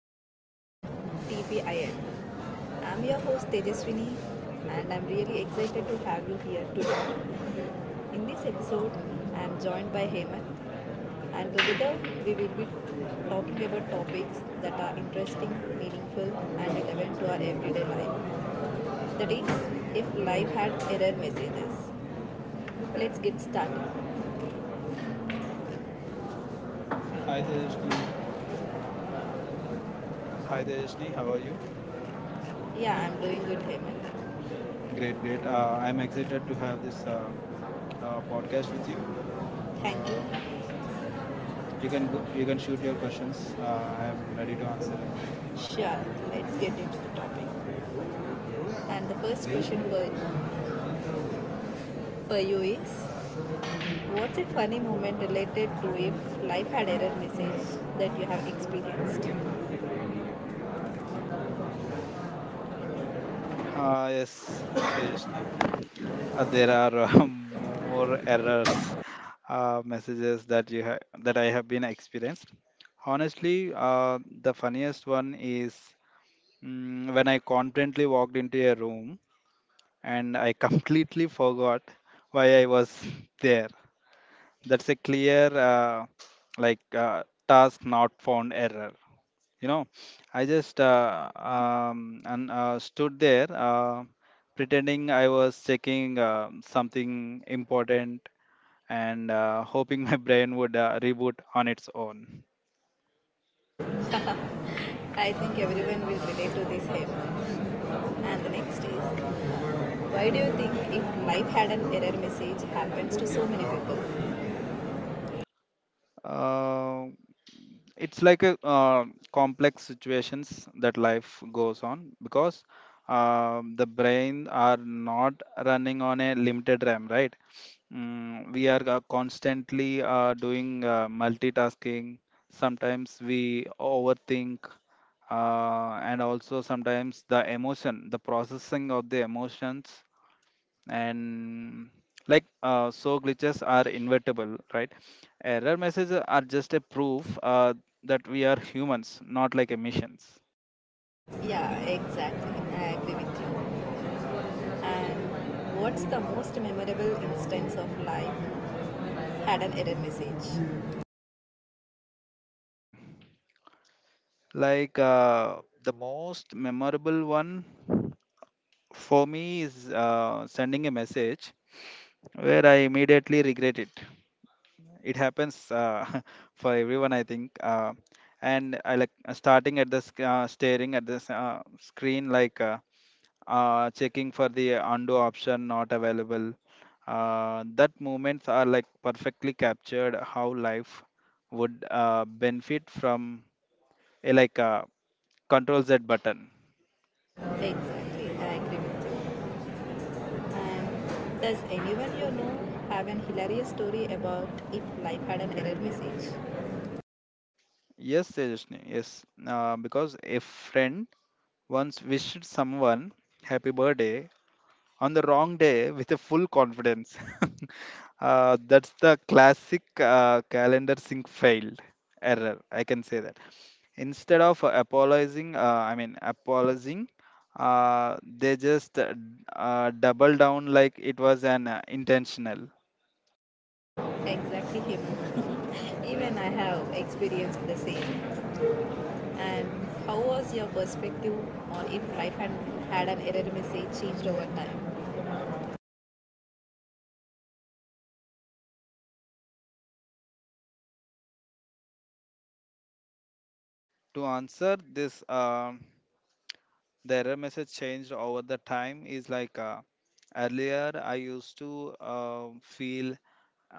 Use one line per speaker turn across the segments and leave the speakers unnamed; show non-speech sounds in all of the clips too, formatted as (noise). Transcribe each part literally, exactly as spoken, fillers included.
to the podcast T P I N. I'm your host Tejaswini, and I'm really excited to have you here today. In this episode, I'm joined by Hemant, and together we will be talking about topics that are interesting, meaningful, and relevant to our everyday life. That is, if life had error messages. Let's get started. Hi Tejasvi. Hi
Hi
Tejasvi,
Tejasni,
how
how
are
are you?
you? Yeah, I'm doing good, Hemant. Okay,
Great,
good.
great. Uh,
Uh,
I'm
I'm excited to
excited
have
to have
this
this
uh,
uh, uh,
uh, podcast
podcast with
with
you.
you. Thank
Uh,
you.
you
You
can
can
go, you
you
can
can shoot
shoot
your
your
questions.
questions.
Uh,
Uh, I'm
when
ready
you
to answer anything.
can- Sure, let's get into the topic. And the first question for, for you is, what's a funny moment related to if life had error message that you have experienced?
Uh, yes,
Okay,
Tejasni. Uh, there
there are-
are uh, (laughs)
several
more errors
types.
uh, messages that you ha- that I have been experienced. Honestly, uh, the funniest one is mm, when I confidently walked into a room and I (laughs) completely forgot why I was there. That's a clear, uh, like, uh, task not found error. You know, I just uh, um, and uh, stood there uh, pretending I was checking uh, something important and uh, (laughs) hoping my brain would uh, reboot on its own.
I think everyone will relate to this, Hemant. And the next is, why do you think if life had an error message happens to so many people?
Uh, it's like a uh, complex situations that life goes on because um the brain are not running on a limited RAM, right? Mm, we are uh, constantly uh, doing uh, multitasking. Sometimes we overthink, uh, and also sometimes the emotion, the processing of the emotions, and like uh, so glitches are inevitable, right? Error messages are just a proof uh, that we are humans, not like emissions.
Yeah, exactly. I agree with you. And what's the most memorable instance of life had an error message?
Like uh, the most memorable one for me is uh, sending a message where I immediately regret it. It happens uh, (laughs) for everyone, I think. Uh, and I like uh, starting at the sc- uh, staring at this uh, screen, like uh, uh, checking for the undo option not available. Uh, that moments are like perfectly captured how life would uh, benefit from a like uh, control Z button.
Exactly. I agree with you. And does anyone you know have an hilarious story about if life had an error message?
Yes, Tejasni, yes. Uh, because a friend once wished someone happy birthday on the wrong day with a full confidence. (laughs) Uh, that's the classic uh, calendar sync failed error. I can say that. Instead of apologizing, uh, I mean apologizing, uh, they just uh, d- uh, double down like it was an uh, intentional.
Exactly, human. (laughs) Even I have experienced the same. And how was your perspective on if life had, had an error message changed over time?
To answer this, um the error message changed over the time is like. Uh, earlier I used to uh, feel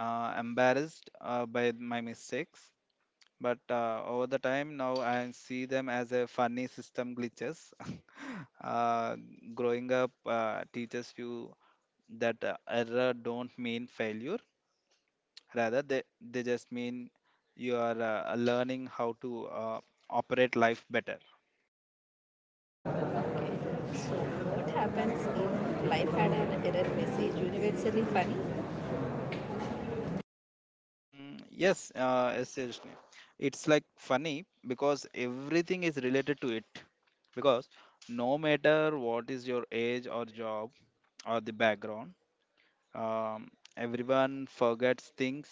uh, embarrassed uh, by my mistakes but uh, over the time now I see them as a funny system glitches (laughs) uh, growing up uh, teaches you that uh, error don't mean failure rather they, they just mean you are uh, learning how to uh, operate life better.
Okay. What happens if life had an error message? Universally funny?
Mm, yes, uh, essentially. It's like funny because everything is related to it. Because no matter what is your age or job or the background, Um, everyone forgets things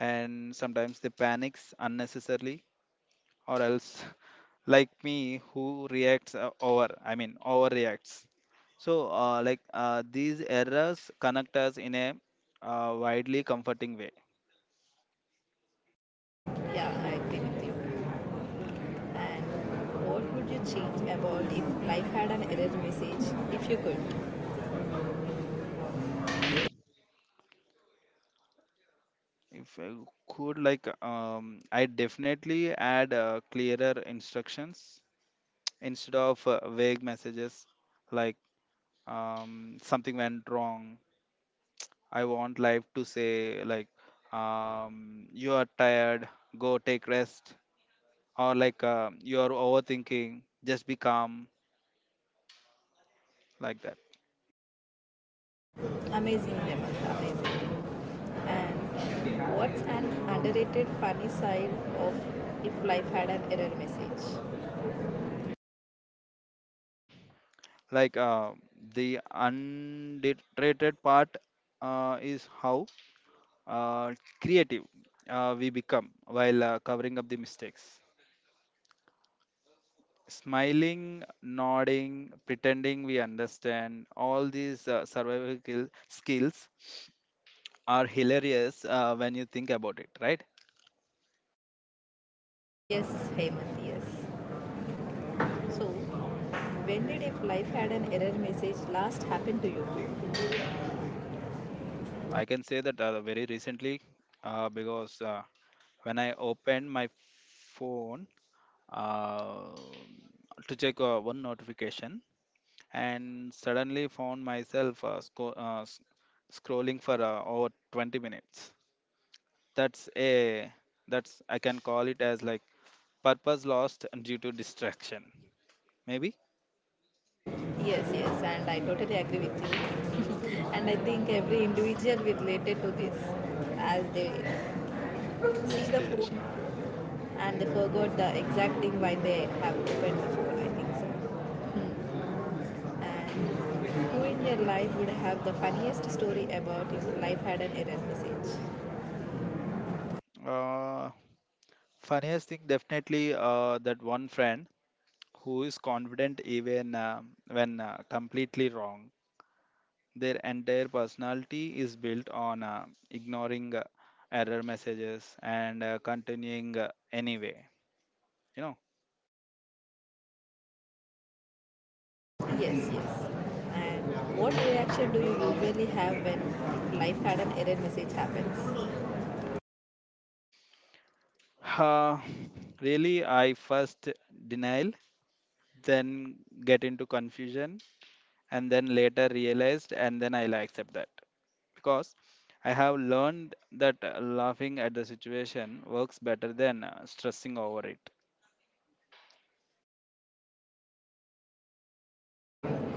and sometimes they panics unnecessarily or else (laughs) like me who reacts uh, over I mean overreacts. So uh, like uh, these errors connect us in a uh, widely comforting way.
Yeah, I agree with you. And what would you change about if life had an error message? If you could.
Mm, If I could like um, I definitely add uh, clearer instructions instead of uh, vague messages like um, something went wrong. I want life to say like um, you are tired, go take rest, or like um you are overthinking, just be calm, like that.
Amazing, Hemant. Amazing. And what's an underrated funny side of if life had an error message?
Like uh, the underrated part uh, is how uh, creative uh, we become while uh, covering up the mistakes. Smiling, nodding, pretending we understand all these uh, survival skill- skills are hilarious uh, when you think about it, right?
Yes, Hemant, yes. So, when did if life had an error message last happen to you?
I can say that uh, very recently, uh, because uh, when I opened my phone uh, to check uh, one notification and suddenly found myself uh, sco- uh, s- scrolling for uh, over twenty minutes. That's a that's I can call it as like purpose lost due to distraction. Maybe
Yes, yes, and I totally agree with you. (laughs) And I think every individual will related to this as they see
yes,
the phone
Tejasni.
and they forgot the exact thing why they have opened the phone, I think so. And who in your life would have the funniest story about if life had an error message?
Uh, Funniest thing definitely uh, that one friend who is confident even uh, when uh, completely wrong. Their entire personality is built on uh, ignoring uh, error messages and uh, continuing uh, anyway. You know,
Yes, yes. And what reaction do you usually have when if life had an error message happens?
uh, really, I first denial, then get into confusion, and then later realized, and then I'll accept that because I have learned that uh, laughing at the situation works better than uh, stressing over it.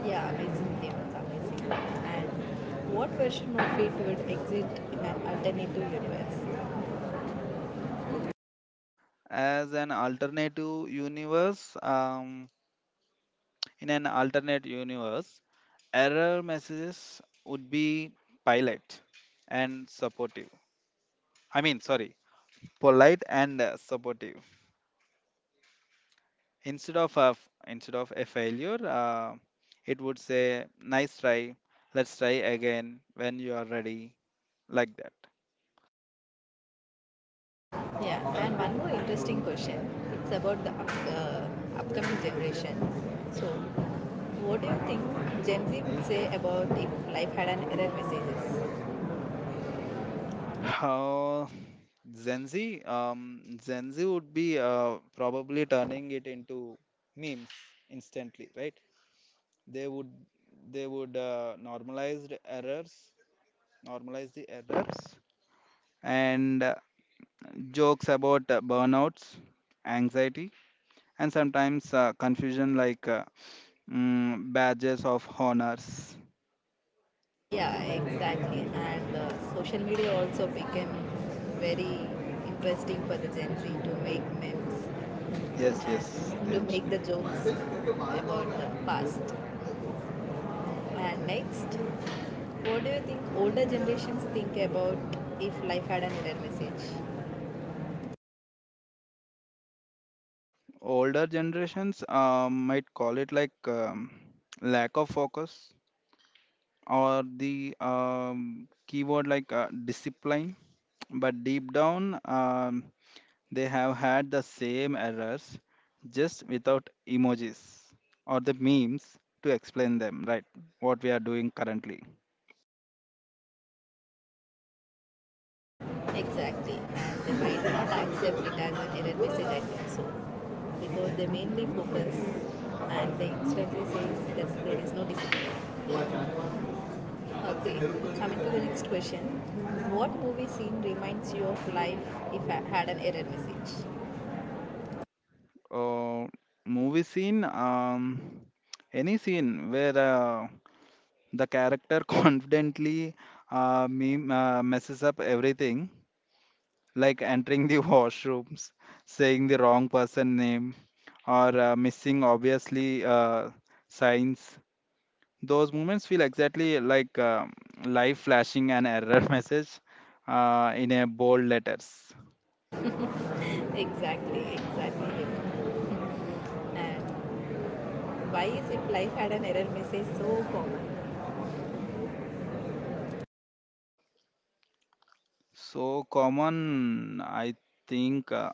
Yeah, amazing. They it's amazing. And what version of it would exist in an alternative universe?
As an alternative universe um, In an alternate universe error messages would be polite and supportive. I mean sorry, polite and uh, supportive instead of a f- instead of a failure. Uh, it would say nice try, let's try again when you are ready, like that.
Yeah, and one more interesting question. It's about the up, uh, upcoming generation. So, what do you think Gen Z would say about if life had an error messages?
how Gen Z, um, Gen Z would be uh, probably turning it into memes instantly, right? they would they would uh, normalize the errors normalize the errors and uh, jokes about uh, burnouts, anxiety, and sometimes uh, confusion like uh, mm, badges of honors.
Yeah, exactly. And uh, social media also became very interesting for the Gen Z to make memes
Yes, yes,
and to make
Tejasni.
the jokes about the past. And next, what do you think older generations think about if life had an error message?
Older generations uh, might call it like um, lack of focus or the um, keyword like uh, discipline, but deep down um, they have had the same errors, just without emojis or the memes to explain them, right? What we are doing currently.
Exactly, and they might not accept it as an error message, I think so. Because they mainly focus and they instantly say that there is no discipline. Okay, coming to the next question. What movie scene reminds you of life if I had an error message?
Uh, Movie scene, um, any scene where uh, the character (laughs) confidently uh, meme, uh, messes up everything, like entering the (laughs) washrooms, saying the wrong person name, or uh, missing obviously uh, signs. Those moments feel exactly like um life flashing an error (laughs) message uh, in a bold letters.
Exactly, exactly. And why is if life had an error message so common?
So common, I think. Uh,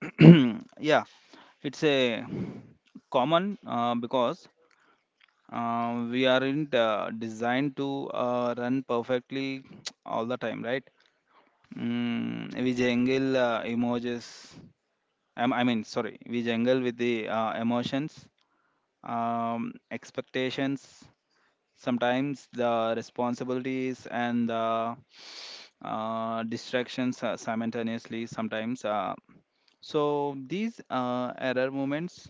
(clears throat) yeah, it's a common uh, because uh, we aren't uh, designed to uh, run perfectly (tsk) all the time, right? Mm, we jangle uh, emojis. Um, I mean, sorry, we jangle with the uh, emotions, um, expectations, sometimes the responsibilities and the uh, distractions uh, simultaneously sometimes, uh, so these uh, error moments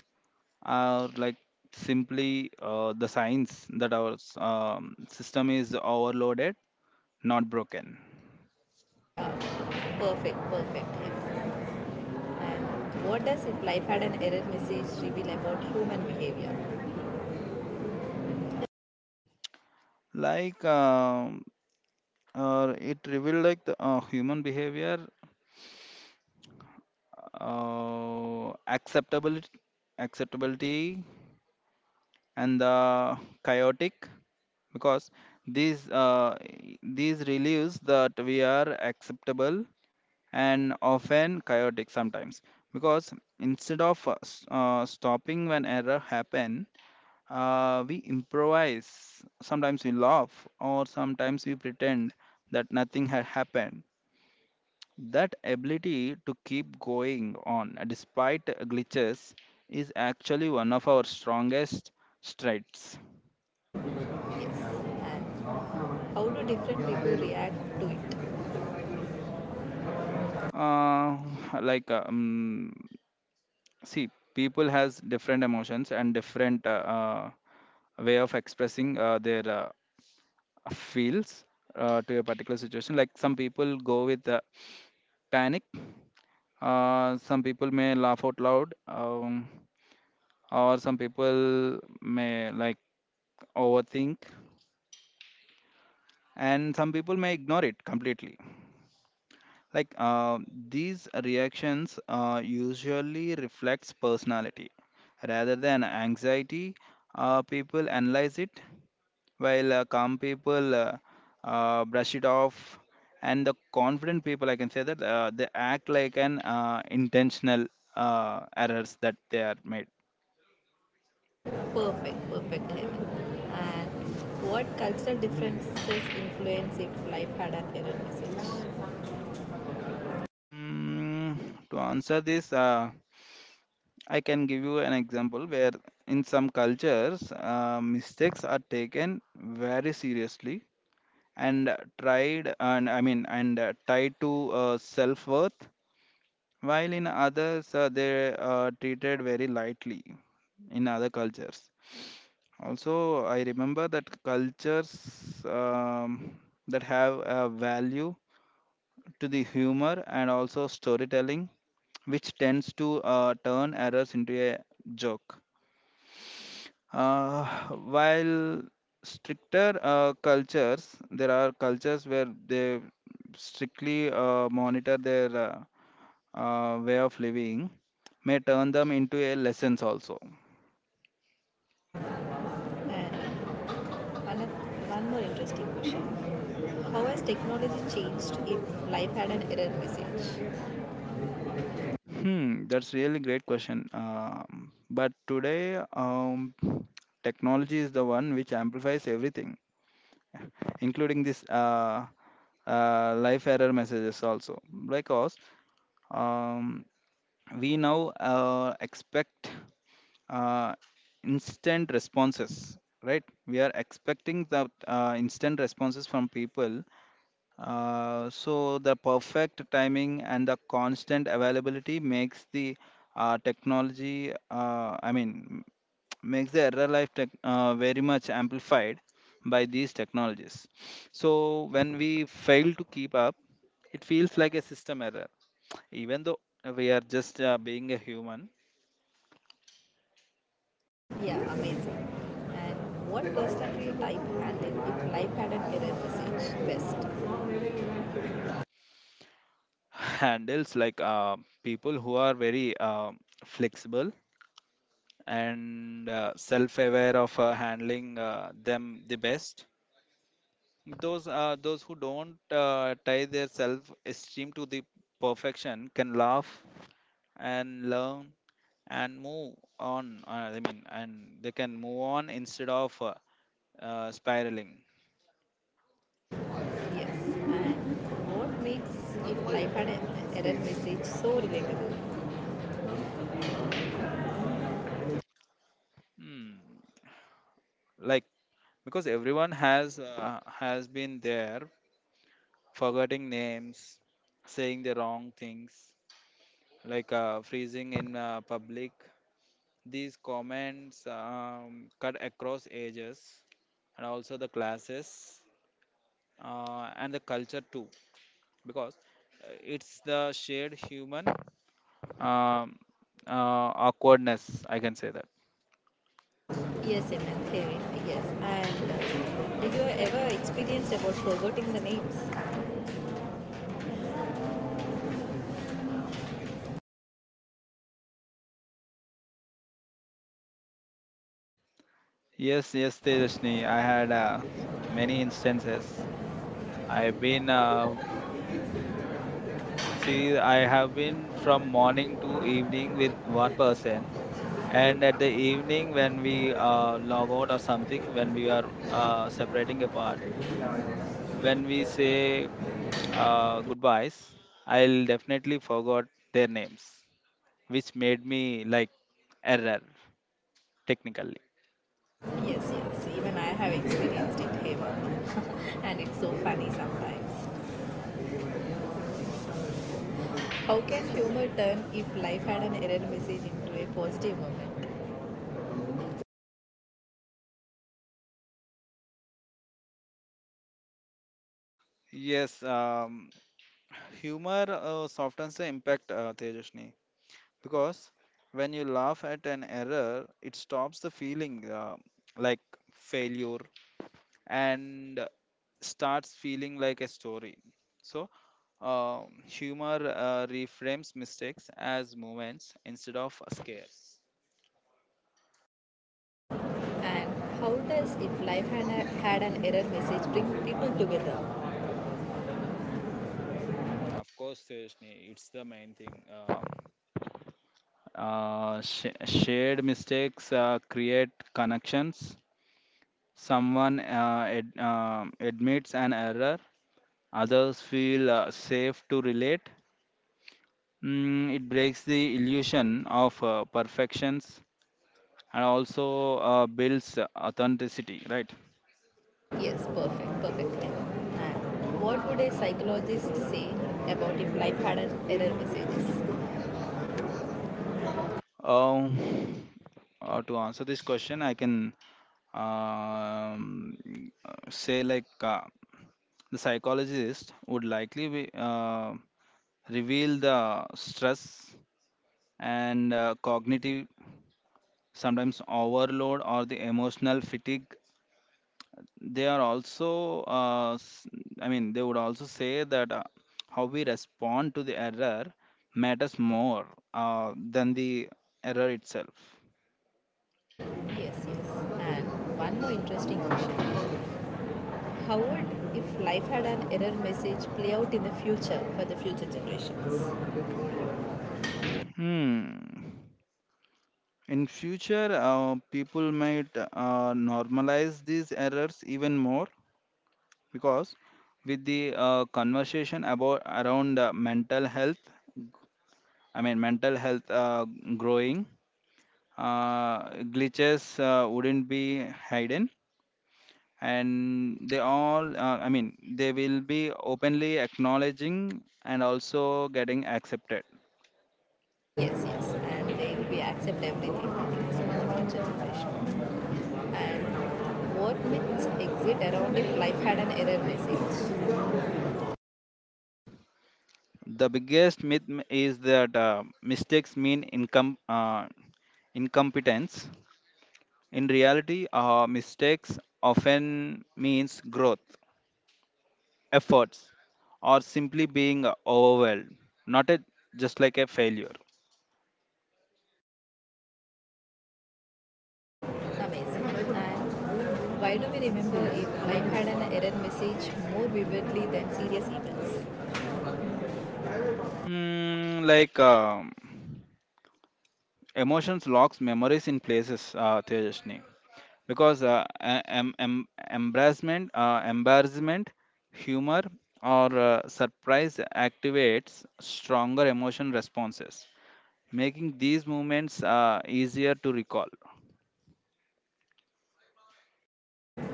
are like simply uh, the signs that our s- um, system is overloaded, not broken.
Yeah, perfect, perfect. Yes. And what does if life had an error message reveal about human behavior?
like um, uh, it revealed like the uh, human behavior, uh, acceptability acceptability and the chaotic, because these uh, these relieves that we are acceptable and often chaotic sometimes, because instead of uh, s- uh, stopping when error happen, uh, we improvise, sometimes we laugh or sometimes we pretend that nothing had happened. That ability to keep going on despite glitches is actually one of our strongest strengths.
Yes. And how do different people react to it?
uh, (laughs) like um, see, people has different emotions and different uh, uh, way of expressing uh, their uh, feels uh, to a particular situation, like some people go with uh, panic, uh, some people may laugh out loud, um, or some people may like overthink, and some people may ignore it completely. like uh, these reactions uh, usually reflects personality rather than anxiety. Uh, people analyze it, while uh, calm people uh, uh, brush it off, and the confident people I can say that uh, they act like an uh, intentional uh, errors that they are made.
Perfect, perfect, Hemant. And what cultural differences influence if life had an error message?
mm, to answer this uh, I can give you an example where in some cultures uh, mistakes are taken very seriously and tried and I mean and uh, tied to uh, self worth, while in others uh, they are treated very lightly in other cultures. Also, I remember that cultures um, that have a value to the humor and also storytelling, which tends to uh, turn errors into a joke. Uh, while stricter uh, cultures, there are cultures where they strictly uh, monitor their uh, uh, way of living, may turn them into a lessons also.
And one, of, one more interesting question. How has technology changed if life had an error message?
Hmm that's really great question. Um, but today, um, technology is the one which amplifies everything, including this uh, uh, life error messages also, because um, we now uh, expect uh, instant responses. Right, we are expecting the uh, instant responses from people. Uh, so the perfect timing and the constant availability makes the uh, technology, uh, I mean, (tsk) makes the error life tech, uh, very much amplified by these technologies. So when we fail to keep up, it feels like a system error, even though we are just uh, being a human.
Yeah, amazing. And what personality type handled if life had an error message? Best.
(laughs) Handles like uh, people who are very uh, flexible and uh, self-aware of uh, handling uh, them the best. Those uh, those who don't uh, tie their self-esteem to the perfection can laugh and learn and move on. Uh, I mean, and they can move on instead of uh, uh, spiraling.
Yes. And what makes if life had an error message so relatable?
Mm, hmm. Like because everyone has uh, has been there, forgetting names, saying the wrong things, like uh, freezing in uh, public. These comments um, cut across ages and also the classes uh, and the culture too, because uh, it's the shared human um, uh, awkwardness I can say that.
Yes, Amen. Kevin. Yes. And did you ever experienced about forgetting the names?
Yes, yes, tejasni, I had uh, many instances. I've been uh,
Me.
see
I
I have
have been
been from
from morning
morning to
to
evening
evening
with
with
one
work as
person,
and evening
and at the evening
when
when
we
we
uh,
uh, log out
download or
or
something
something, when
when
we
we are
are
uh,
uh,
separating
separating
the part.
apart. When
When
we
we
say
say uh,
uh, goodbyes, I'll definitely forgot their names, which made me like error technically.
yes, yes. Even I have experienced it, Hema. (laughs) And it's so funny sometimes. How can humor turn if life had an error message into a positive moment?
Yes, um, humor uh, softens the impact, uh, Tejasni, because when you laugh at an error, it stops the feeling uh, like failure and starts feeling like a story. So, um humor uh, reframes mistakes as moments instead of scares.
And how does if life had, a, had an error message bring people together?
Mm, of course, Tejasni, it's the main thing. Uh, Uh, sh- shared mistakes uh, create connections. Someone uh, ad- um admits an error, others feel uh, safe to relate. Mm, it breaks the illusion of uh, perfections and also uh, builds authenticity, right?
Yes, perfect, perfect. And what would a psychologist say about if life had an error messages?
Um, uh, to answer this question, I can um, say like uh, the psychologist would likely be, uh, reveal the stress and uh, cognitive sometimes overload or the emotional fatigue. They are also uh, s- i mean they would also say that uh, how we respond to the error matters more uh, than the error itself.
Yes, yes. And one more interesting question. How would if life had an error message play out in the future for the future generations?
Hmm. In future, uh, people might uh, normalize these errors even more because with the uh, conversation about around uh, mental health, I mean mental health uh, growing, uh, glitches uh, wouldn't be hidden, and they all uh, i mean they will be openly acknowledging and also getting accepted.
Yes, yes. And they will be accept everything I think so for the future generation. And what myths exist around if life had an error message?
The biggest myth m- is that uh, mistakes mean income uh, incompetence. In reality, uh, mistakes often means growth, efforts, or simply being overwhelmed, not a, just like a failure.
Amazing. And why do we remember if life had an error message more vividly than serious events?
Hmm, like um emotions locks memories in places, uh, Tejashni. Because uh, em- em- embarrassment uh, embarrassment, humor, or uh, surprise activates stronger emotion responses, making these moments uh, easier to recall.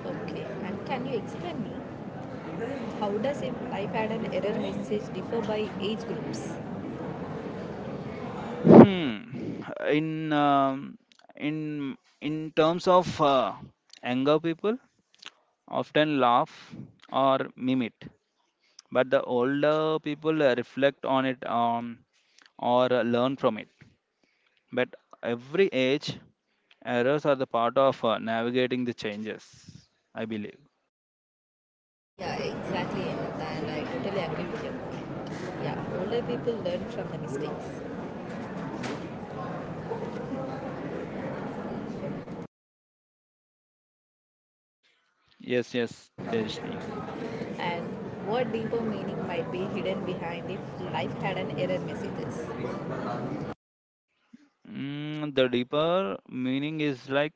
Okay, and can you explain me how does if life had an error message differ by age groups?
hmm. in um, in in terms of uh, anger, people often laugh or meme it, but the older people uh, reflect on it um, or uh, learn from it. But every age, errors are the part of uh, navigating the changes, I believe.
Yeah, exactly, Hemant, and I totally agree with your point. Yeah, older people learn from the mistakes,
Yes, yes, Tejni.
and what deeper meaning might be hidden behind if life had an error messages?
Mm, the deeper meaning is like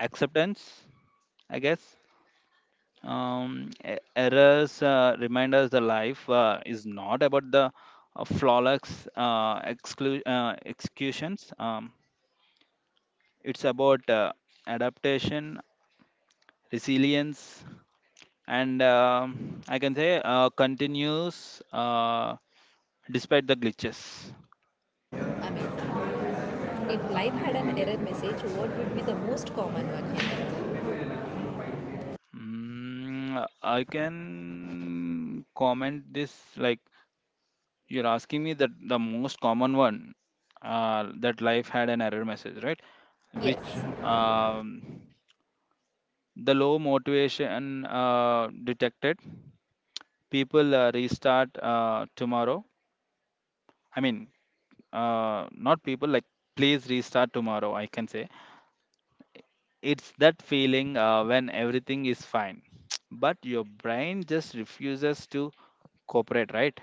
acceptance, I guess. Um, e- errors uh, remind us the life uh, is not about the uh, flawless uh, exclu- uh, executions. Um, it's about uh, adaptation, resilience, and um I can say uh, continuous. Uh, despite the glitches.
Amazing. If life had an error message, what would be the most common one? Hemant?
Mm, I can comment this like, you're asking me that the most common one uh, that life had an error message, right?
Yes.
Which um, The low motivation uh, detected. People uh, restart uh, tomorrow. I mean, uh, not people like Please restart tomorrow. I can say it's that feeling uh, when everything is fine, (tsk) but your brain just refuses to cooperate, right?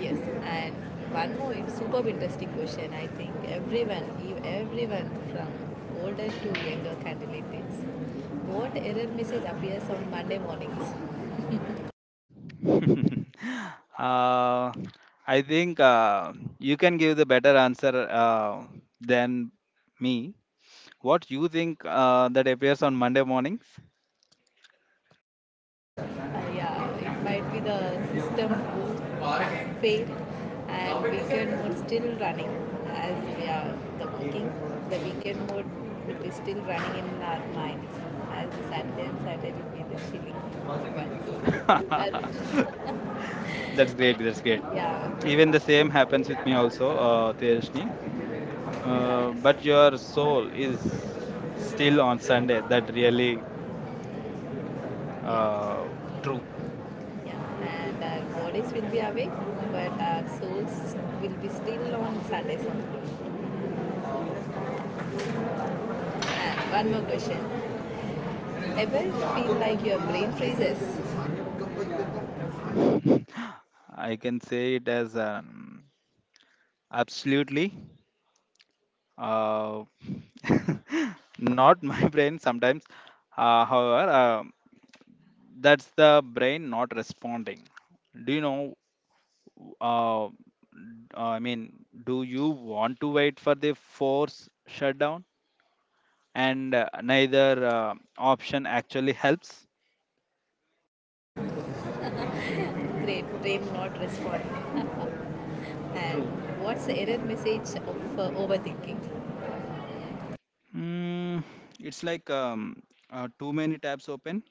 Yes, and one more in- superb interesting question. I think everyone, ev- everyone from older to younger candidate thinks. What error message appears on Monday mornings?
(laughs) uh, I think uh, you can give the better answer uh, than me. What you think uh, that appears on Monday mornings?
Uh, yeah, it might be the system boot fail and weekend mode still running as we are the working. The weekend mode will be still running in our minds as Saturday and Saturday will be the chilling
(laughs)
ones. Uh, That's
That's
great.
great. That's
That's great.
great.
Yeah. Even
Even the same
if I will
happens with
check
me
me also
also,
uh,
uh, Tejashni.
there. So, yeah.
Uh,
But
but
your
your
soul
soul is
is
still
still
on
on Sunday,
Sunday. That
like your uh,
really
yes.
Uh,
Truth.
true.
Yeah. And our bodies will be awake, but our souls will be still on Sundays only. And one more question. Ever feel like your brain freezes?
(laughs) I can say it as an absolutely. Uh, (laughs) not my brain sometimes. Uh, however, uh, that's the brain not responding. Do you know? Uh, uh, I mean, do you want to wait for the force shutdown? And uh, neither uh, option actually helps.
Brain, brain not responding. And true. What's the error message of uh, overthinking?
Mm, it's like um, uh, too many tabs open.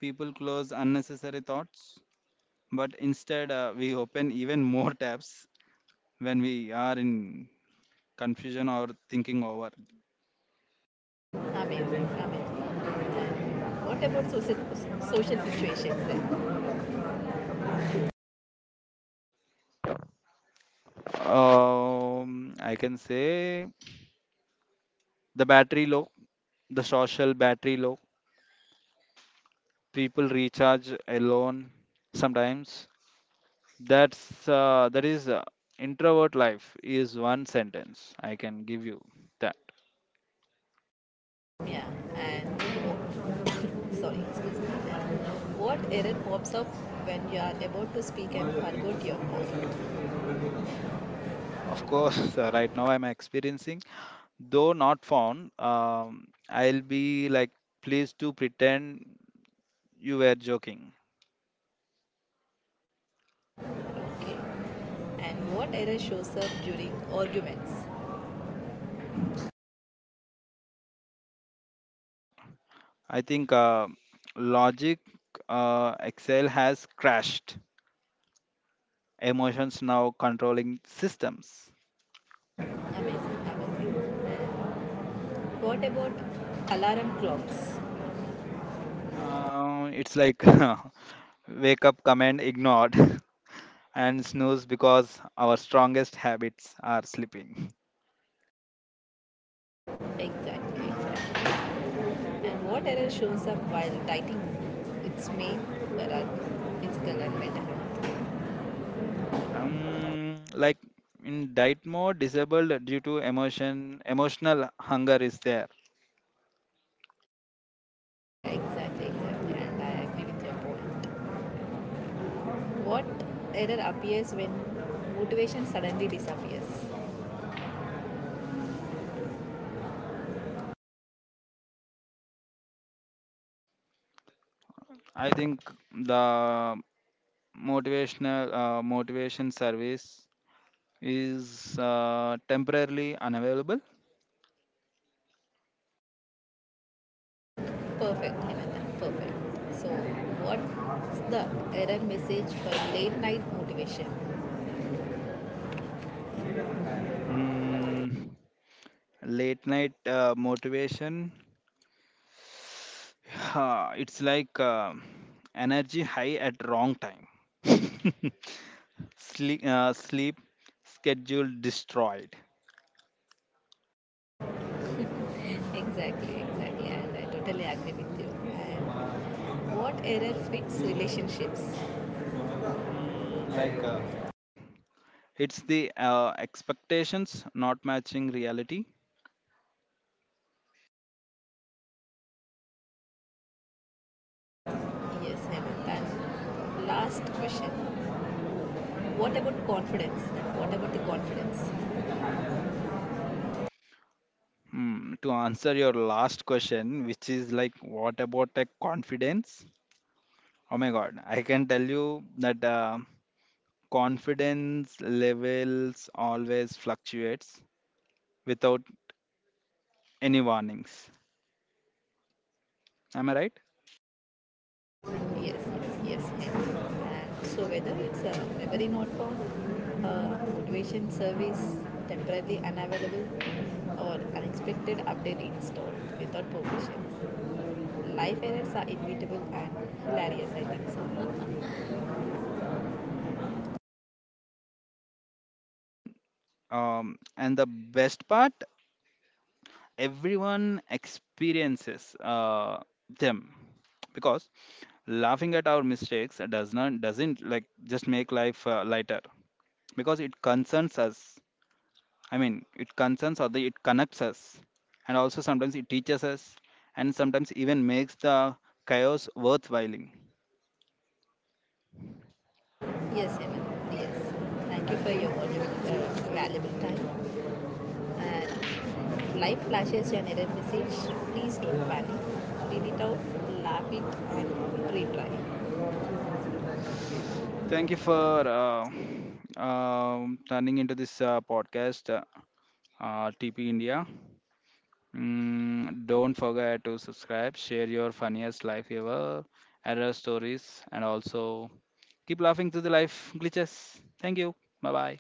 People close unnecessary thoughts, but instead uh, we open even more tabs when we are in confusion or thinking over.
Amazing, amazing. And what about social, social situations then?
Um, I can say the battery low, the social battery low. People recharge alone sometimes. That's uh, that is uh, introvert life is one sentence I can give you that.
Yeah, and (laughs) (coughs) sorry, excuse me. And what error pops up when you are about to speak and forgot your point?
Of course, (laughs) uh, right now I'm experiencing though not found. um, I'll be like, please to pretend you were joking.
Okay. And what error shows up during arguments?
So I think uh, logic uh, Excel has crashed. Emotions now controlling systems.
Amazing, amazing. And what about alarm clocks?
Uh, it's like (laughs) wake up command ignored, (laughs) and snooze because our strongest habits are sleeping.
Exactly, exactly. And what error shows up while writing? It's main, there are physical and mental.
Um, like in diet mode, disabled due to emotion, emotional hunger is there.
Yeah, exactly, exactly. And I agree with your point. What error appears when motivation suddenly disappears?
I think the motivational uh, motivation service is uh, temporarily unavailable.
Perfect, Hemanta. Perfect. So, what's the error message for late night motivation?
Mm, late night uh, motivation, (laughs) (sighs) it's like uh, energy high at wrong time. (laughs) Sleep, uh, sleep schedule destroyed.
Exactly, exactly. And I totally agree with you. And what error fits relationships? Like, uh,
It's the uh, expectations not matching reality.
yes, Hemant. And last question. What about confidence? What about the confidence?
Mm, to answer your last question, which is like, what about a confidence? Oh my God, I can tell you that uh, confidence levels always fluctuates without any warnings. Am I right?
Yeah, yes, yes, yes, yes. And so whether it's a memory not found, a motivation service temporarily unavailable, or unexpected update installed without permission, life errors are inevitable and hilarious. I think so.
And, um, and the best part, everyone experiences uh, them, because laughing at our mistakes does not doesn't like just make life uh, lighter because it concerns us I mean, it concerns or the, it connects us, and also sometimes it teaches us, and sometimes even makes the chaos worthwhile.
(laughs) Yes, Hemant. Yes. Thank you for your valuable, uh, valuable time. And life flashes an error message. Please don't panic. Read it out, laugh it, and retry. Thank
Thank you
you
for
for
uh, um turning into this uh, podcast, uh, uh, T P India. Mm, don't forget to subscribe, share your funniest life ever, error stories, and also keep laughing through the life glitches. Thank you. Bye bye.